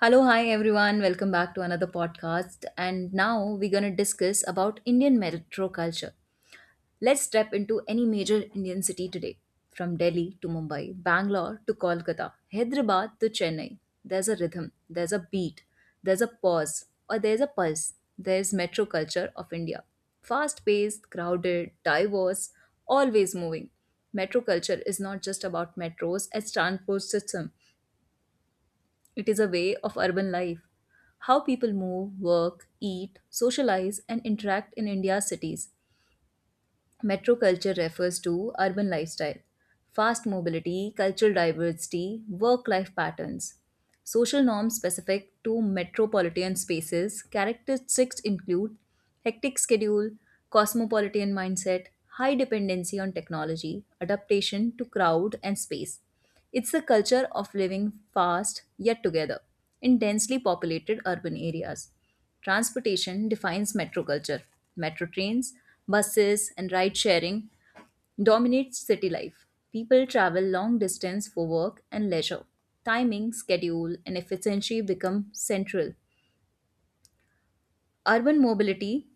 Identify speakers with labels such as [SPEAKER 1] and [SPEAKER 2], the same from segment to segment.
[SPEAKER 1] Hello, hi everyone. Welcome back to another podcast. And now we're going to discuss about Indian metro culture. Let's step into any major Indian city today, from Delhi to Mumbai, Bangalore to Kolkata, Hyderabad to Chennai. There's a rhythm, there's a beat, there's a pause, or there's a pulse. There's metro culture of India. Fast paced, crowded, diverse, always moving. Metro culture is not just about metros as transport system. It is a way of urban life. How people move, work, eat, socialize, and interact in India's cities. Metro culture refers to urban lifestyle, fast mobility, cultural diversity, work life patterns. Social norms specific to metropolitan spaces, characteristics include hectic schedule, cosmopolitan mindset, high dependency on technology, adaptation to crowd and space. It's the culture of living fast yet together in densely populated urban areas. Transportation defines metro culture. Metro trains, buses, and ride sharing dominates city life. People travel long distance for work and leisure. Timing, schedule, and efficiency become central. Urban mobility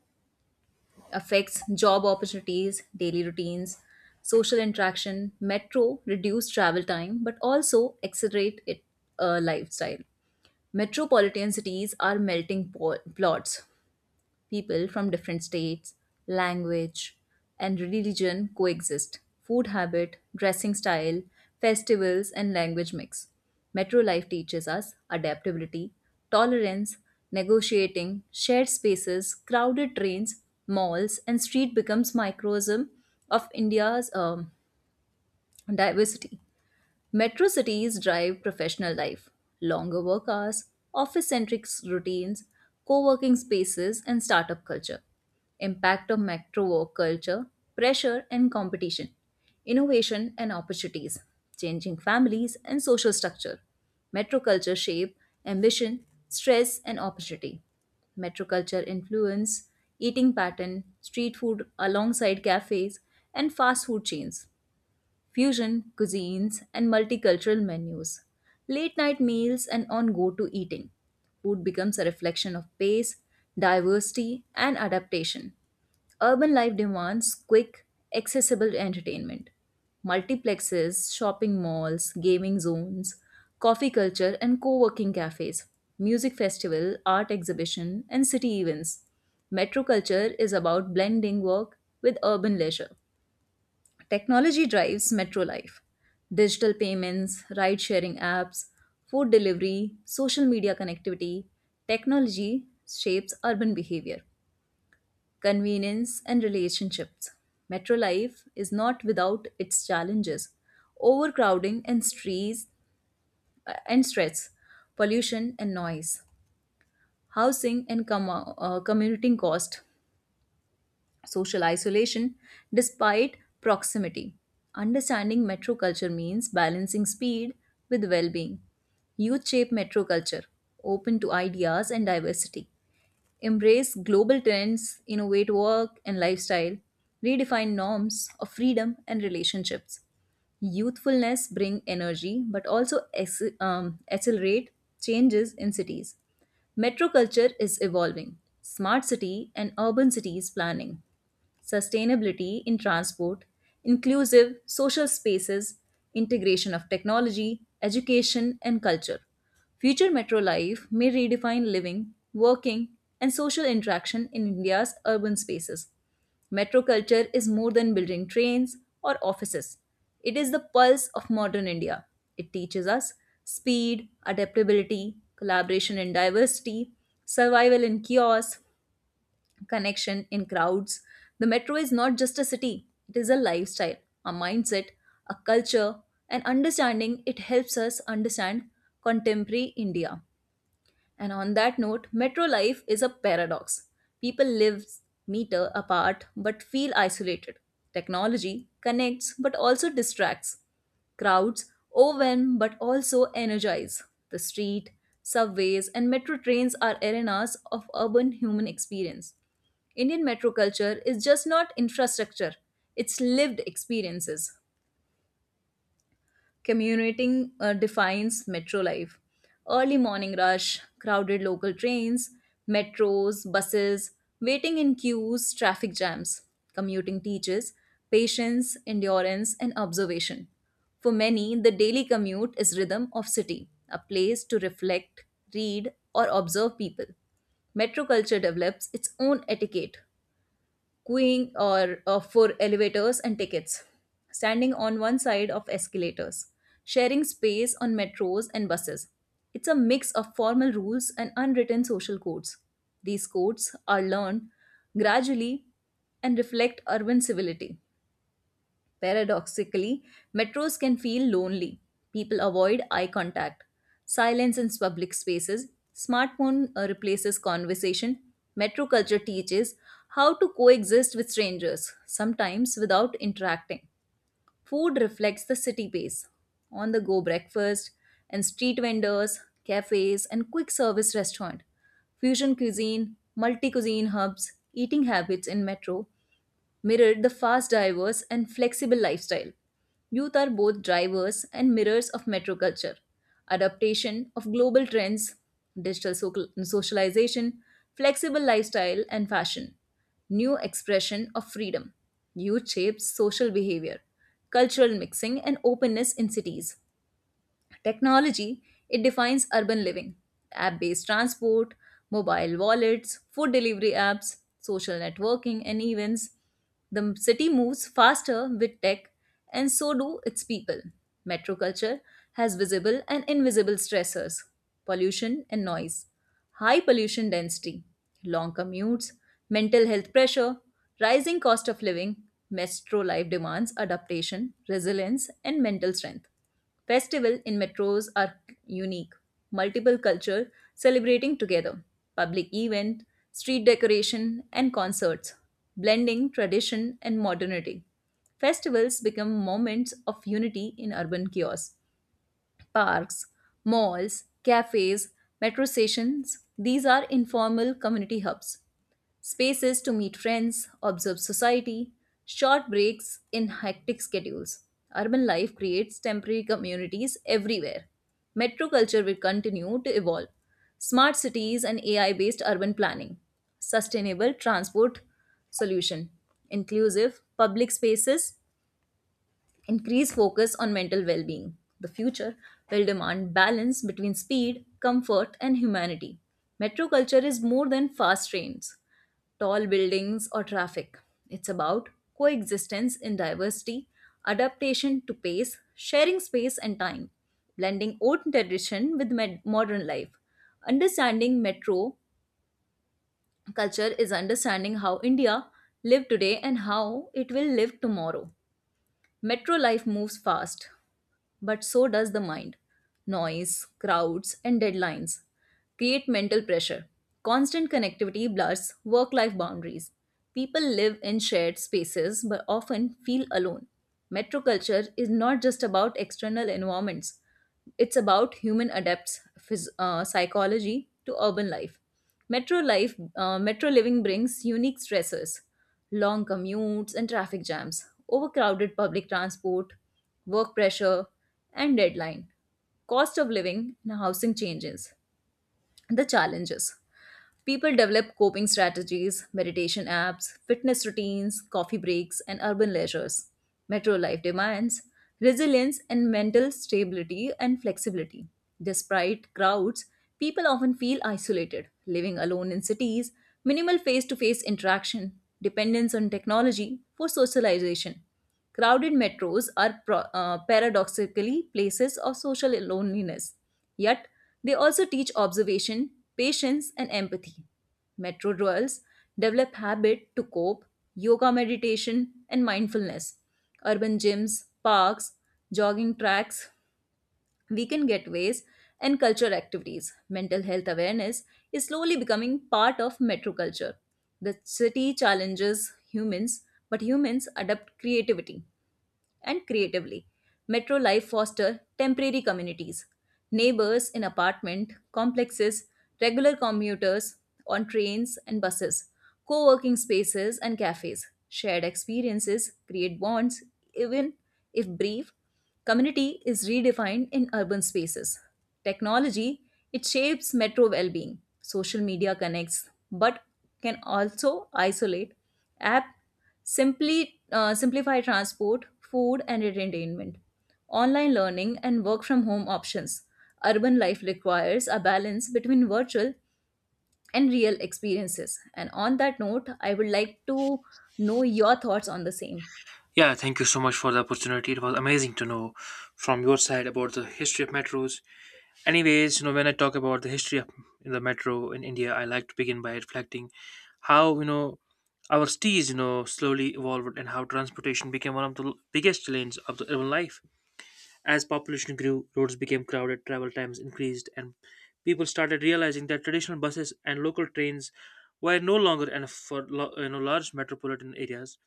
[SPEAKER 1] affects job opportunities, daily routines, social interaction. Metro reduce travel time but also accelerate it lifestyle. Metropolitan cities are plots. People from different states, language, and religion coexist. Food habit, dressing style, festivals, and language mix. Metro life teaches us adaptability, tolerance, negotiating, shared spaces, crowded trains, malls, and street becomes microcosm of India's diversity. Metro cities drive professional life, longer work hours, office centric routines, co working spaces, and startup culture. Impact of metro work culture, pressure and competition, innovation and opportunities, changing families and social structure. Metro culture shape, ambition, stress, and opportunity. Metro culture influence eating pattern, street food alongside cafes, and fast food chains fusion cuisines, and multicultural menus. Late night meals and on go to eating. Food becomes a reflection of pace, diversity, and adaptation. Urban life demands quick, accessible entertainment. Multiplexes, shopping malls, gaming zones, coffee culture, and co working cafes, music festival, art exhibition, and city events. Metro culture is about blending work with urban leisure. Technology drives metro life. Digital payments, ride sharing apps, food delivery, social media connectivity. Technology shapes urban behavior, convenience, and relationships. Metro life is not without its challenges overcrowding and stress, pollution and noise, housing and commuting cost, social isolation despite proximity. Understanding metro culture means balancing speed with well being. Youth shape metro culture, open to ideas and diversity. Embrace global trends, innovate work and lifestyle, redefine norms of freedom and relationships. Youthfulness bring energy but also accelerate changes in cities. Metro culture is evolving. Smart city and urban cities planning sustainability in transport, inclusive social spaces, integration of technology, education, and culture. Future metro life may redefine living, working, and social interaction in India's urban spaces. Metro culture is more than building trains or offices. It is the pulse of modern India. It teaches us speed, adaptability, collaboration in diversity, survival in chaos, connection in crowds. The metro is not just a city, it is a lifestyle, a mindset, a culture, and understanding. It helps us understand contemporary India. And on that note, metro life is a paradox. People live meter apart but feel isolated. Technology connects but also distracts. Crowds overwhelm but also energize. The street, subways, and metro trains are arenas of urban human experience. Indian metro culture is just not infrastructure, it's lived experiences. Commuting defines metro life. Early morning rush, crowded local trains, metros, buses, waiting in queues, traffic jams. Commuting teaches patience, endurance, and observation. For many, the daily commute is rhythm of city, a place to reflect, read, or observe people. Metro culture develops its own etiquette, queuing or for elevators and tickets, standing on one side of escalators, sharing space on metros and buses. It's a mix of formal rules and unwritten social codes. These codes are learned gradually and reflect urban civility. Paradoxically, metros can feel lonely. People avoid eye contact, silence in public spaces. Smartphone replaces conversation. Metro culture teaches how to coexist with strangers, sometimes without interacting. Food reflects the city pace. On the go breakfast and street vendors, cafes, and quick service restaurant. Fusion cuisine, multi cuisine hubs, eating habits in metro mirrored the fast diverse and flexible lifestyle. Youth are both drivers and mirrors of metro culture. Adaptation of global trends, socialization, flexible lifestyle, and fashion. New expression of freedom. Youth shapes social behavior, cultural mixing, and openness in cities. Technology, it defines urban living. App based transport, mobile wallets, food delivery apps, social networking, and events. The city moves faster with tech, and so do its people. Metro culture has visible and invisible stressors pollution and noise, high pollution density, long commutes, mental health pressure, rising cost of living. Metro life demands adaptation, resilience, and mental strength. Festivals in metros are unique, multiple culture celebrating together, public event, street decoration and concerts, blending tradition and modernity. Festivals become moments of unity in urban chaos. Parks, malls, cafes, metro stations, these are informal community hubs spaces to meet friends, observe society, short breaks in hectic schedules. Urban life creates temporary communities everywhere. Metro culture will continue to evolve. Smart cities and AI based urban planning, sustainable transport solution, inclusive public spaces. Increased focus on mental well being. The future will demand balance between speed, comfort, and humanity. Metro culture is more than fast trains, tall buildings, or traffic. It's about coexistence in diversity, adaptation to pace, sharing space and time, blending old tradition with modern life. Understanding metro culture is understanding how India live today and how it will live tomorrow. Metro life moves fast, but so does the mind. Noise, crowds, and deadlines create mental pressure. Constant connectivity blurs work life boundaries. People live in shared spaces but often feel alone. Metro culture is not just about external environments, it's about human psychology to urban life. Metro living brings unique stressors long commutes and traffic jams, overcrowded public transport, work pressure, and deadline, cost of living and housing changes, the challenges. People develop coping strategies, meditation apps, fitness routines, coffee breaks, and urban leisures. Metro life demands resilience and mental stability and flexibility. Despite crowds, people often feel isolated, living alone in cities, minimal face to face interaction, dependence on technology for socialization. Crowded metros are paradoxically places of social loneliness, yet, they also teach observation, patience, and empathy. Metro dwellers develop habit to cope, yoga meditation, and mindfulness. Urban gyms, parks, jogging tracks, weekend getaways, and cultural activities. Mental health awareness is slowly becoming part of metro culture. The city challenges humans, but humans adapt creativity and creatively. Metro life fosters temporary communities, neighbors in apartment complexes, regular commuters on trains and buses, co working spaces and cafes. Shared experiences create bonds, even if brief. Community is redefined in urban spaces. Technology, it shapes metro well being. Social media connects, but can also isolate. App simply simplify transport, food, and entertainment, online learning, and work from home options. Urban life requires a balance between virtual and real experiences. And on that note, I would like to know your thoughts on the same.
[SPEAKER 2] Yeah, thank you so much for the opportunity. It was amazing to know from your side about the history of metros. Anyways, when I talk about the history of the metro in India, I like to begin by reflecting how, our cities, slowly evolved and how transportation became one of the biggest lanes of the urban life. As population grew, roads became crowded, travel times increased, and people started realizing that traditional buses and local trains were no longer enough for large metropolitan areas.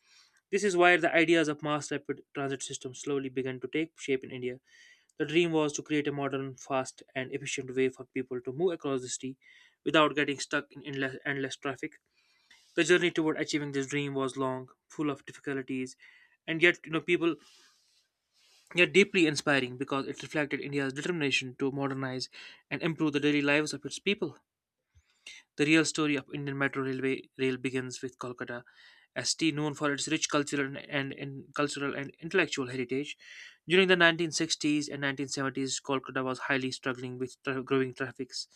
[SPEAKER 2] This is where the ideas of mass rapid transit systems slowly began to take shape in India. The dream was to create a modern, fast, and efficient way for people to move across the city without getting stuck in endless, endless traffic. The journey toward achieving this dream was long, full of difficulties, and yet, you know, people yet deeply inspiring because it reflected India's determination to modernize and improve the daily lives of its people. The real story of Indian Metro rail begins with Kolkata, a city known for its rich cultural and intellectual heritage. During the 1960s and 1970s, Kolkata was highly struggling with growing traffics,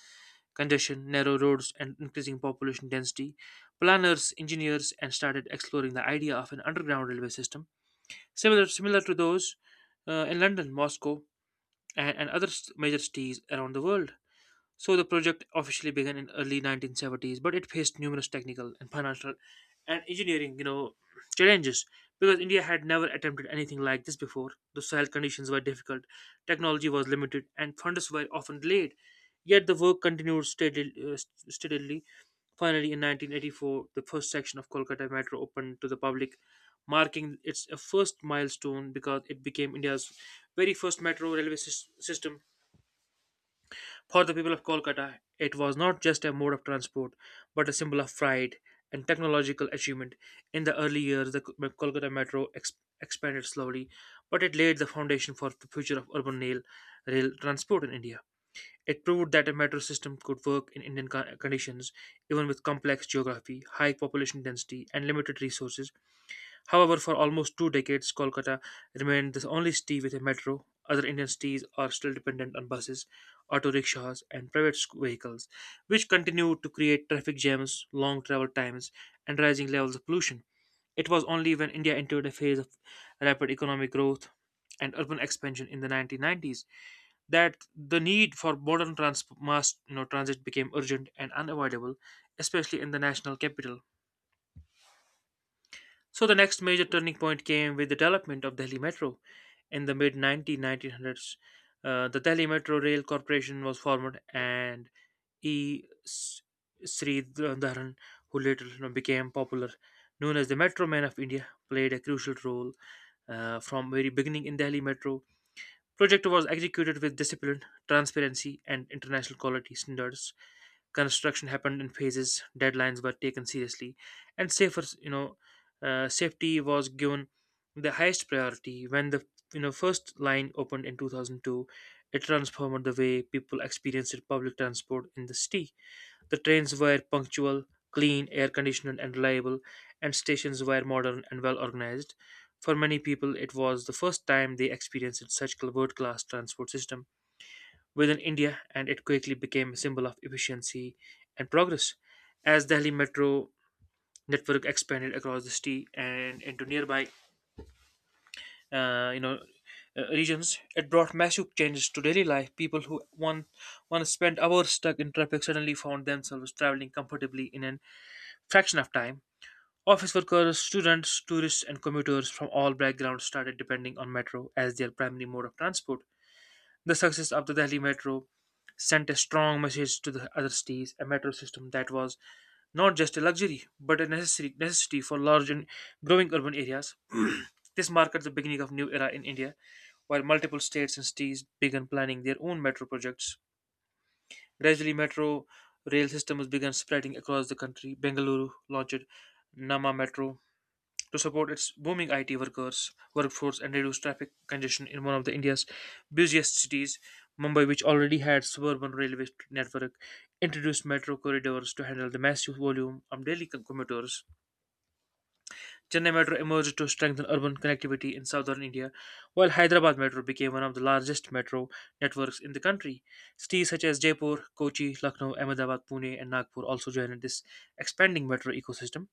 [SPEAKER 2] congestion, narrow roads, and increasing population density. Planners, engineers, and started exploring the idea of an underground railway system similar to those in London, Moscow, and other major cities around the world. So the project officially began in early 1970s, but it faced numerous technical and financial and engineering, challenges because India had never attempted anything like this before. The soil conditions were difficult, technology was limited, and funds were often delayed. Yet the work continued steadily. Finally, in 1984, the first section of Kolkata Metro opened to the public, marking its first milestone because it became India's very first metro railway system. For the people of Kolkata, it was not just a mode of transport, but a symbol of pride and technological achievement. In the early years, the Kolkata metro expanded slowly, but it laid the foundation for the future of urban rail transport in India. It proved that a metro system could work in Indian conditions, even with complex geography, high population density, and limited resources. However, for almost two decades, Kolkata remained the only city with a metro. Other Indian cities are still dependent on buses, auto rickshaws, and private vehicles, which continue to create traffic jams, long travel times, and rising levels of pollution. It was only when India entered a phase of rapid economic growth and urban expansion in the 1990s that the need for modern mass transit became urgent and unavoidable, especially in the national capital. So the next major turning point came with the development of Delhi Metro in the mid nineteen hundreds. The Delhi Metro Rail Corporation was formed, and E. S- Sri Dharan, who later became popular, known as the Metro Man of India, played a crucial role from very beginning in Delhi Metro. Project was executed with discipline, transparency, and international quality standards. Construction happened in phases. Deadlines were taken seriously, and safer you know safety was given the highest priority. When the first line opened in 2002, it transformed the way people experienced public transport in the city. The trains were punctual, clean, air conditioned, and reliable, and stations were modern and well organized. For many people, it was the first time they experienced such world class transport system within India, and it quickly became a symbol of efficiency and progress. As Delhi metro network expanded across the city and into nearby, uh, you know, regions, it brought massive changes to daily life. People who once spent hours stuck in traffic suddenly found themselves traveling comfortably in a fraction of time. Office workers, students, tourists, and commuters from all backgrounds started depending on metro as their primary mode of transport. The success of the Delhi Metro sent a strong message to the other cities, a metro system that was not just a luxury but a necessary necessity for large and growing urban areas. This marked the beginning of new era in India, while multiple states and cities began planning their own metro projects. Gradually, metro rail systems began spreading across the country. Bengaluru launched Nama Metro, to support its booming IT workers workforce and reduce traffic congestion in one of the India's busiest cities. Mumbai, which already had suburban railway network, introduced metro corridors to handle the massive volume of daily commuters. Chennai Metro emerged to strengthen urban connectivity in southern India, while Hyderabad Metro became one of the largest metro networks in the country. Cities such as Jaipur, Kochi, Lucknow, Ahmedabad, Pune, and Nagpur also joined this expanding metro ecosystem,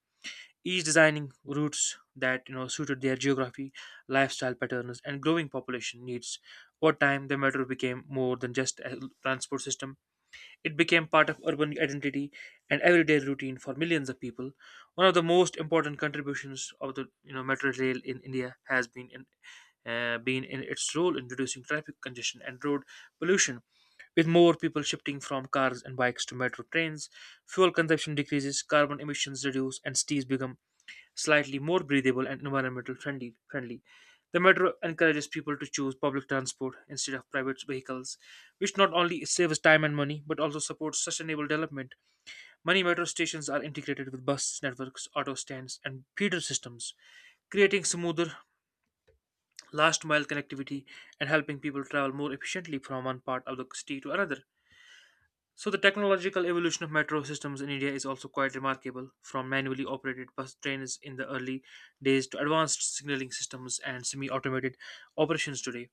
[SPEAKER 2] each designing routes that suited their geography, lifestyle patterns, and growing population needs. Over time, the metro became more than just a transport system; it became part of urban identity and everyday routine for millions of people. One of the most important contributions of the metro rail in India has been in its role in reducing traffic congestion and road pollution. With more people shifting from cars and bikes to metro trains, fuel consumption decreases, carbon emissions reduce, and cities become slightly more breathable and environmental friendly. The metro encourages people to choose public transport instead of private vehicles, which not only saves time and money but also supports sustainable development. Many metro stations are integrated with bus networks, auto stands, and feeder systems, creating smoother last mile connectivity and helping people travel more efficiently from one part of the city to another. So the technological evolution of metro systems in India is also quite remarkable, from manually operated bus trains in the early days to advanced signaling systems and semi-automated operations today.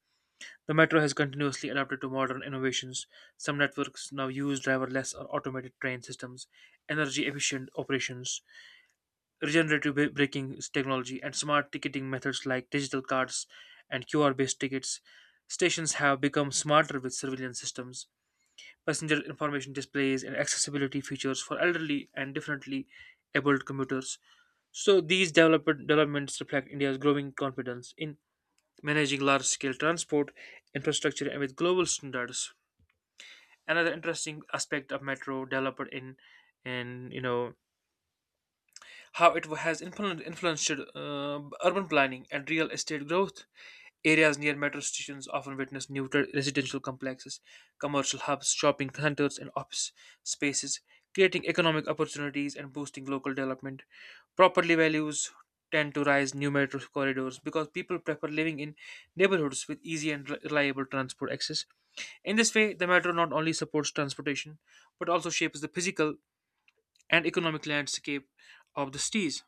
[SPEAKER 2] The metro has continuously adapted to modern innovations. Some networks now use driverless or automated train systems, energy-efficient operations, regenerative braking technology, and smart ticketing methods like digital cards and QR-based tickets. Stations have become smarter with surveillance systems, passenger information displays, and accessibility features for elderly and differently abled commuters. So these developed developments reflect India's growing confidence in managing large-scale transport infrastructure and with global standards. Another interesting aspect of metro developed in and how it has influenced urban planning and real estate growth. Areas near metro stations often witness new residential complexes, commercial hubs, shopping centers, and office spaces, creating economic opportunities and boosting local development. Property values tend to rise new metro corridors because people prefer living in neighborhoods with easy and reliable transport access. In this way, the metro not only supports transportation but also shapes the physical and economic landscape of the cities.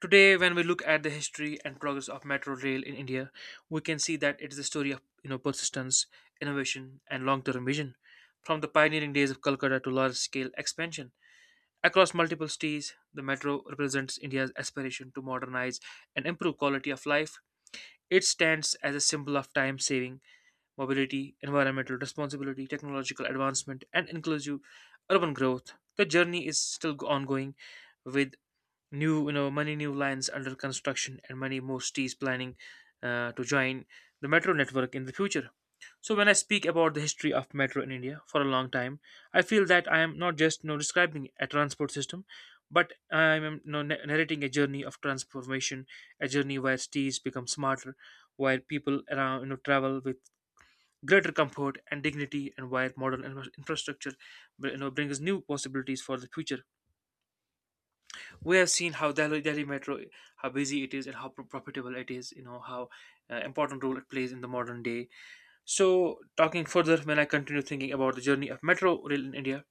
[SPEAKER 2] Today, when we look at the history and progress of metro rail in India, we can see that it is a story of persistence, innovation, and long-term vision. From the pioneering days of Calcutta to large-scale expansion across multiple cities, the metro represents India's aspiration to modernize and improve quality of life. It stands as a symbol of time-saving, mobility, environmental responsibility, technological advancement, and inclusive urban growth. The journey is still ongoing, with new many new lines under construction and many more cities planning to join the metro network in the future. So when I speak about the history of metro in India for a long time, I feel that I am not just describing a transport system, but I am narrating a journey of transformation, a journey where cities become smarter, where people around travel with greater comfort and dignity, and where modern infrastructure brings new possibilities for the future. We have seen how Delhi Metro, how busy it is and how profitable it is, how important role it plays in the modern day. So, talking further, when I continue thinking about the journey of metro rail in India,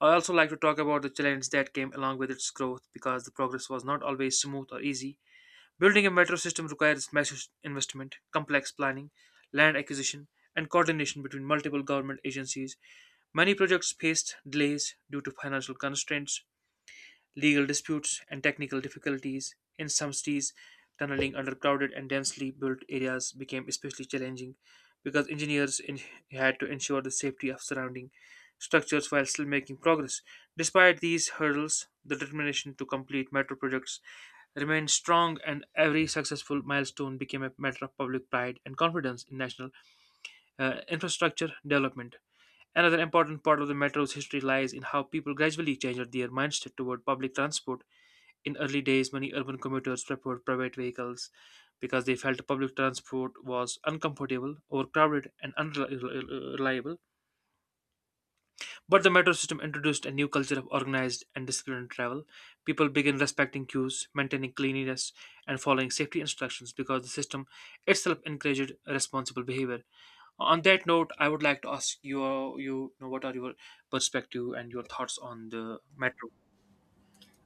[SPEAKER 2] I also like to talk about the challenges that came along with its growth, because the progress was not always smooth or easy. Building a metro system requires massive investment, complex planning, land acquisition, and coordination between multiple government agencies. Many projects faced delays due to financial constraints, legal disputes, and technical difficulties. In some cities, tunneling under crowded and densely built areas became especially challenging because engineers had to ensure the safety of surrounding structures while still making progress. Despite these hurdles, the determination to complete metro projects remained strong, and every successful milestone became a matter of public pride and confidence in national infrastructure development. Another important part of the metro's history lies in how people gradually changed their mindset toward public transport. In early days, many urban commuters preferred private vehicles because they felt public transport was uncomfortable, overcrowded, and unreliable. But the metro system introduced a new culture of organized and disciplined travel. People began respecting queues, maintaining cleanliness, and following safety instructions because the system itself encouraged responsible behavior. On that note, I would like to ask you, what are your perspective and your thoughts on the metro?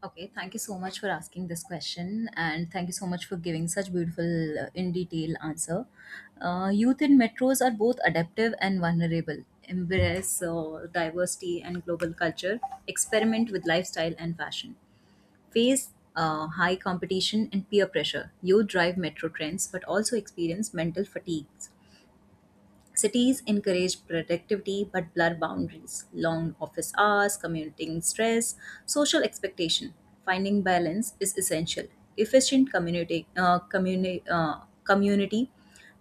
[SPEAKER 1] Okay, thank you so much for asking this question, and thank you so much for giving such beautiful, in detail answer. Youth in metros are both adaptive and vulnerable. Embrace diversity and global culture. Experiment with lifestyle and fashion. Face high competition and peer pressure. Youth drive metro trends, but also experience mental fatigues. Cities encourage productivity but blur boundaries. Long office hours, commuting stress, social expectation. Finding balance is essential. Efficient community, community,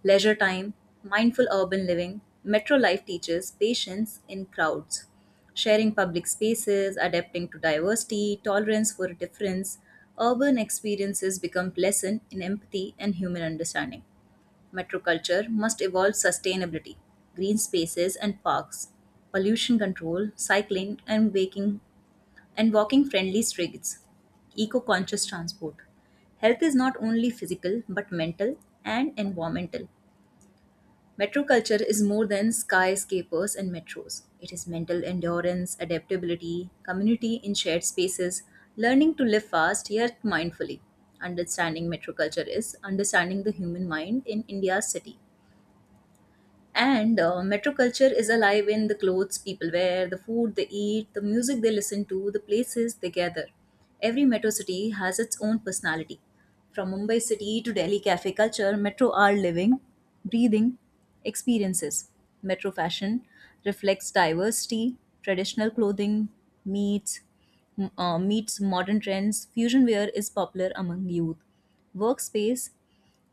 [SPEAKER 1] leisure time, mindful urban living. Metro life teaches patience in crowds. Sharing public spaces, adapting to diversity, tolerance for difference. Urban experiences become pleasant in empathy and human understanding. Metroculture must evolve sustainability, green spaces and parks, pollution control, cycling and walking friendly streets, eco-conscious transport. Health is not only physical but mental and environmental. Metroculture is more than skyscrapers and metros. It is mental endurance, adaptability, community in shared spaces, learning to live fast yet mindfully. Understanding metroculture is understanding the human mind in India's city. And metro culture is alive in the clothes people wear, the food they eat, the music they listen to, the places they gather. Every metro city has its own personality. From Mumbai city to Delhi cafe culture, metro are living, breathing experiences. Metro fashion reflects diversity, traditional clothing meets meets modern trends. Fusion wear is popular among youth. Workspace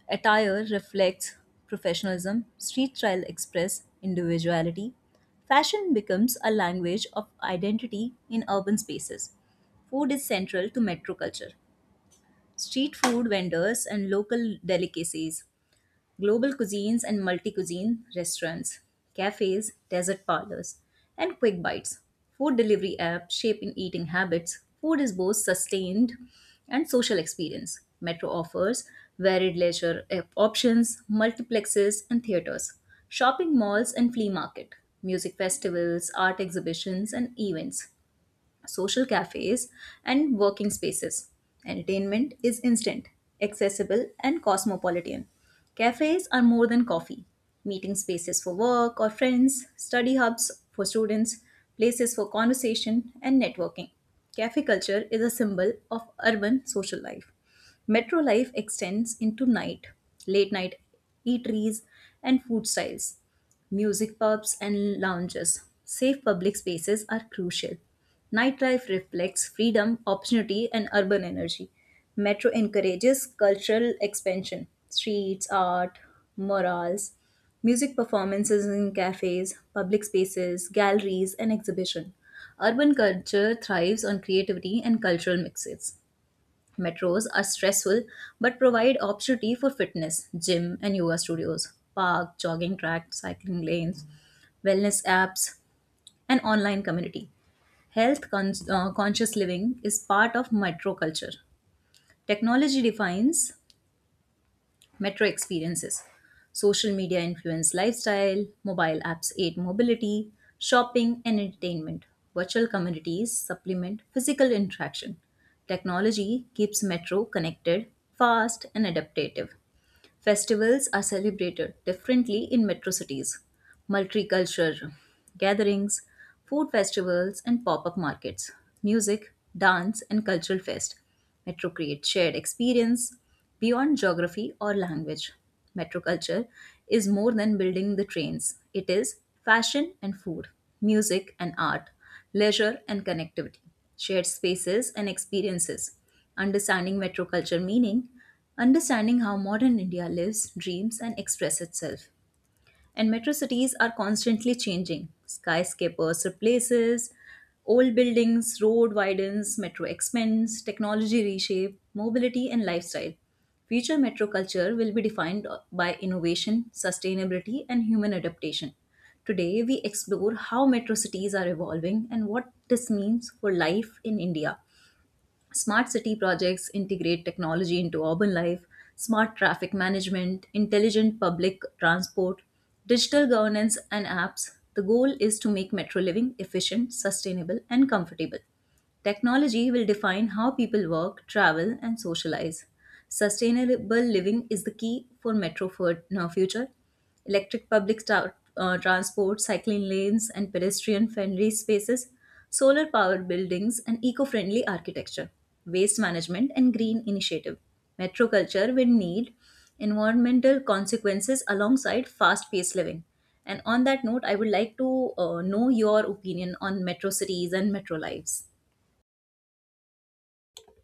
[SPEAKER 1] attire reflects professionalism, street style express individuality. Fashion becomes a language of identity in urban spaces. Food is central to metro culture. Street food vendors and local delicacies global cuisines and multi cuisine restaurants, cafes, desert parlors, and quick bites. Food delivery apps shaping eating habits. Food is both sustained and social experience. Metro offers varied leisure options, multiplexes, and theaters, shopping malls and flea market, music festivals, art exhibitions, and events social cafes, and working spaces. Entertainment is instant, accessible, and cosmopolitan. Cafes are more than coffee meeting spaces for work or friends, study hubs for students, places for conversation, and networking. Cafe culture is a symbol of urban social life. Metro life extends into night, late night eateries, and food styles music pubs, and lounges. Safe public spaces are crucial. Nightlife reflects freedom, opportunity, and urban energy. Metro encourages cultural expansion, streets, art, murals, music performances in cafes, public spaces, galleries, and exhibition. Urban culture thrives on creativity and cultural mixes. Metros are stressful but provide opportunity for fitness, gym, and yoga studios, park, jogging track, cycling lanes, wellness apps, and online community. Health conscious living is part of micro culture. Technology defines metro experiences. Social media influence lifestyle, mobile apps aid mobility, shopping, and entertainment. Virtual communities supplement physical interaction. Technology keeps metro connected, fast, and adaptive. Festivals are celebrated differently in metro cities. Multicultural gatherings, food festivals, and pop up markets, music, dance, and cultural fest. Metro creates shared experience beyond geography or language. Metro culture is more than building the trains, it is fashion and food, music and art, leisure and connectivity, shared spaces and experiences. Understanding metro culture meaning, understanding how modern India lives, dreams, and expresses itself. And metro cities are constantly changing. Skyscrapers replaces old buildings, road widens, metro expands, technology reshape mobility and lifestyle. Future metro culture will be defined by innovation, sustainability, and human adaptation. Today, we explore how metro cities are evolving and what this means for life in India. Smart city projects integrate technology into urban life, smart traffic management, intelligent public transport, digital governance, and apps. The goal is to make metro living efficient, sustainable, and comfortable. Technology will define how people work, travel, and socialize. Sustainable living is the key for metro for future. Electric public transport, cycling lanes, and pedestrian friendly spaces solar powered buildings and eco friendly architecture, waste management and green initiative. Metroculture will need environmental consequences alongside fast paced living. And on that note, I would like to know your opinion on metro cities and metro lives.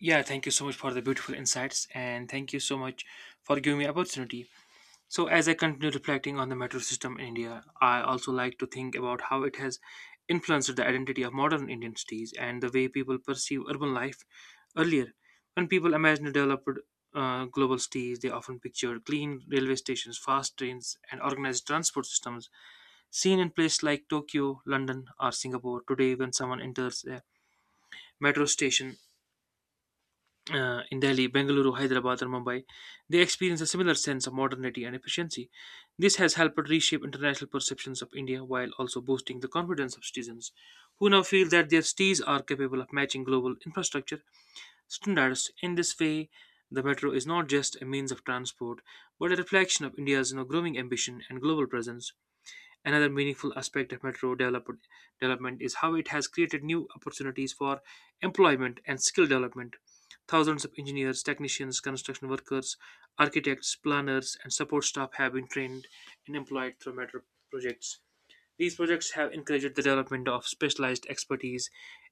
[SPEAKER 2] Yeah, thank you so much for the beautiful insights and thank you so much for giving me opportunity. So as I continue reflecting on the metro system in India, I also like to think about how it has influenced the identity of modern Indian cities and the way people perceive urban life earlier. When people imagine developed global cities, they often picture clean railway stations, fast trains, and organized transport systems seen in places like Tokyo, London, or Singapore. Today, when someone enters a metro station, in Delhi, Bengaluru, Hyderabad, and Mumbai, they experience a similar sense of modernity and efficiency. This has helped reshape international perceptions of India while also boosting the confidence of citizens who now feel that their cities are capable of matching global infrastructure standards. In this way, the metro is not just a means of transport, but a reflection of India's growing ambition and global presence. Another meaningful aspect of development is how it has created new opportunities for employment and skill development. Thousands of engineers, technicians, construction workers, architects, planners, and support staff have been trained and employed through metro projects. These projects have encouraged the development of specialized expertise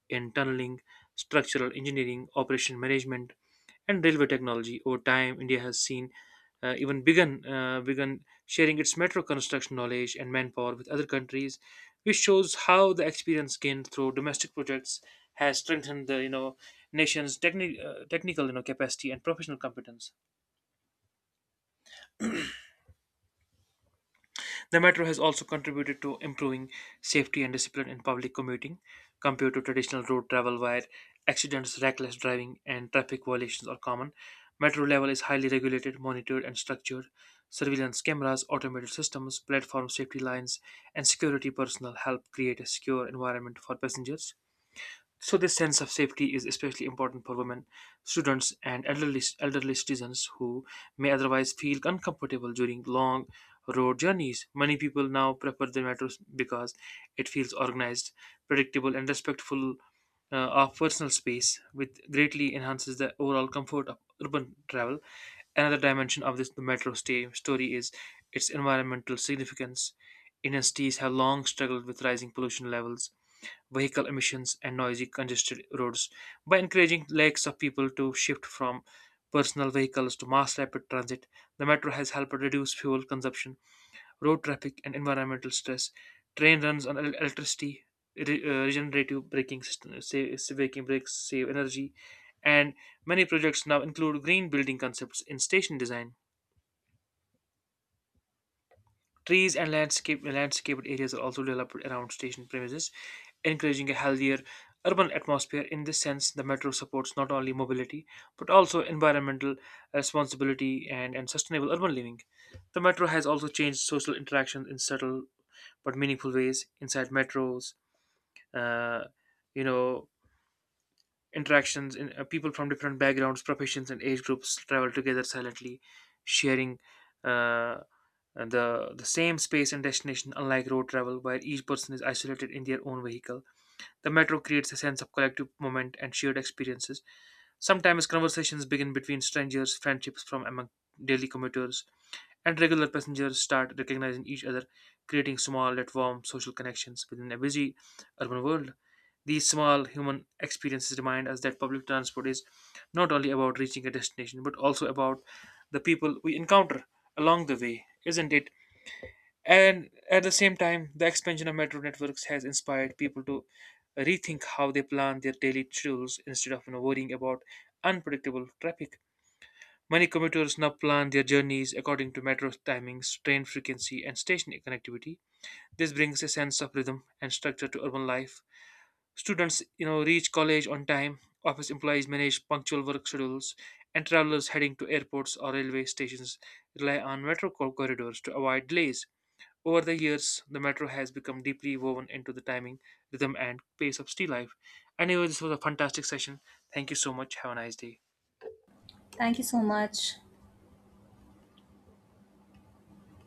[SPEAKER 2] in tunneling, structural engineering, operation management, and railway technology. Over time, India has seen even begun begun sharing its metro construction knowledge and manpower with other countries, which shows how the experience gained through domestic projects has strengthened the nation's technical capacity and professional competence. The metro has also contributed to improving safety and discipline in public commuting compared to traditional road travel where accidents, reckless driving, and traffic violations are common. Metro level is highly regulated, monitored, and structured. Surveillance cameras, automated systems, platform safety lines, and security personnel help create a secure environment for passengers. So this sense of safety is especially important for women, students, and elderly citizens who may otherwise feel uncomfortable during long road journeys. Many people now prefer the metro because it feels organized, predictable, and respectful of personal space, which greatly enhances the overall comfort of urban travel. Another dimension of this metro stay story is its environmental significance. Indian cities have long struggled with rising pollution levels vehicle emissions, and noisy, congested roads. By encouraging lakhs of people to shift from personal vehicles to mass rapid transit, the metro has helped reduce fuel consumption, road traffic, and environmental stress. Train runs on electricity, regenerative braking system, save, braking brakes save energy, and many projects now include green building concepts in station design. Trees and landscaped areas are also developed around station premises, encouraging a healthier urban atmosphere. In this sense, the metro supports not only mobility but also environmental responsibility and sustainable urban living. The metro has also changed social interactions in subtle but meaningful ways inside metros. Uh, you know, interactions in people from different backgrounds, professions, and age groups travel together silently, sharing. Uh, and the same space and destination, unlike road travel, where each person is isolated in their own vehicle. The metro creates a sense of collective moment and shared experiences. Sometimes conversations begin between strangers, friendships from among daily commuters, and regular passengers start recognizing each other, creating small yet warm social connections within a busy urban world. These small human experiences remind us that public transport is not only about reaching a destination but also about the people we encounter along the way. Isn't it? And at the same time, the expansion of metro networks has inspired people to rethink how they plan their daily schedules instead of worrying about unpredictable traffic. Many commuters now plan their journeys according to metro timings, train frequency, and station connectivity. This brings a sense of rhythm and structure to urban life. Students, reach college on time. Office employees manage punctual work schedules, and travelers heading to airports or railway stations rely on corridors to avoid delays. Over the years, the metro has become deeply woven into the timing, rhythm, and pace of city life. Anyway, this was a fantastic session. Thank you so much. Have a nice day.
[SPEAKER 1] Thank you so much.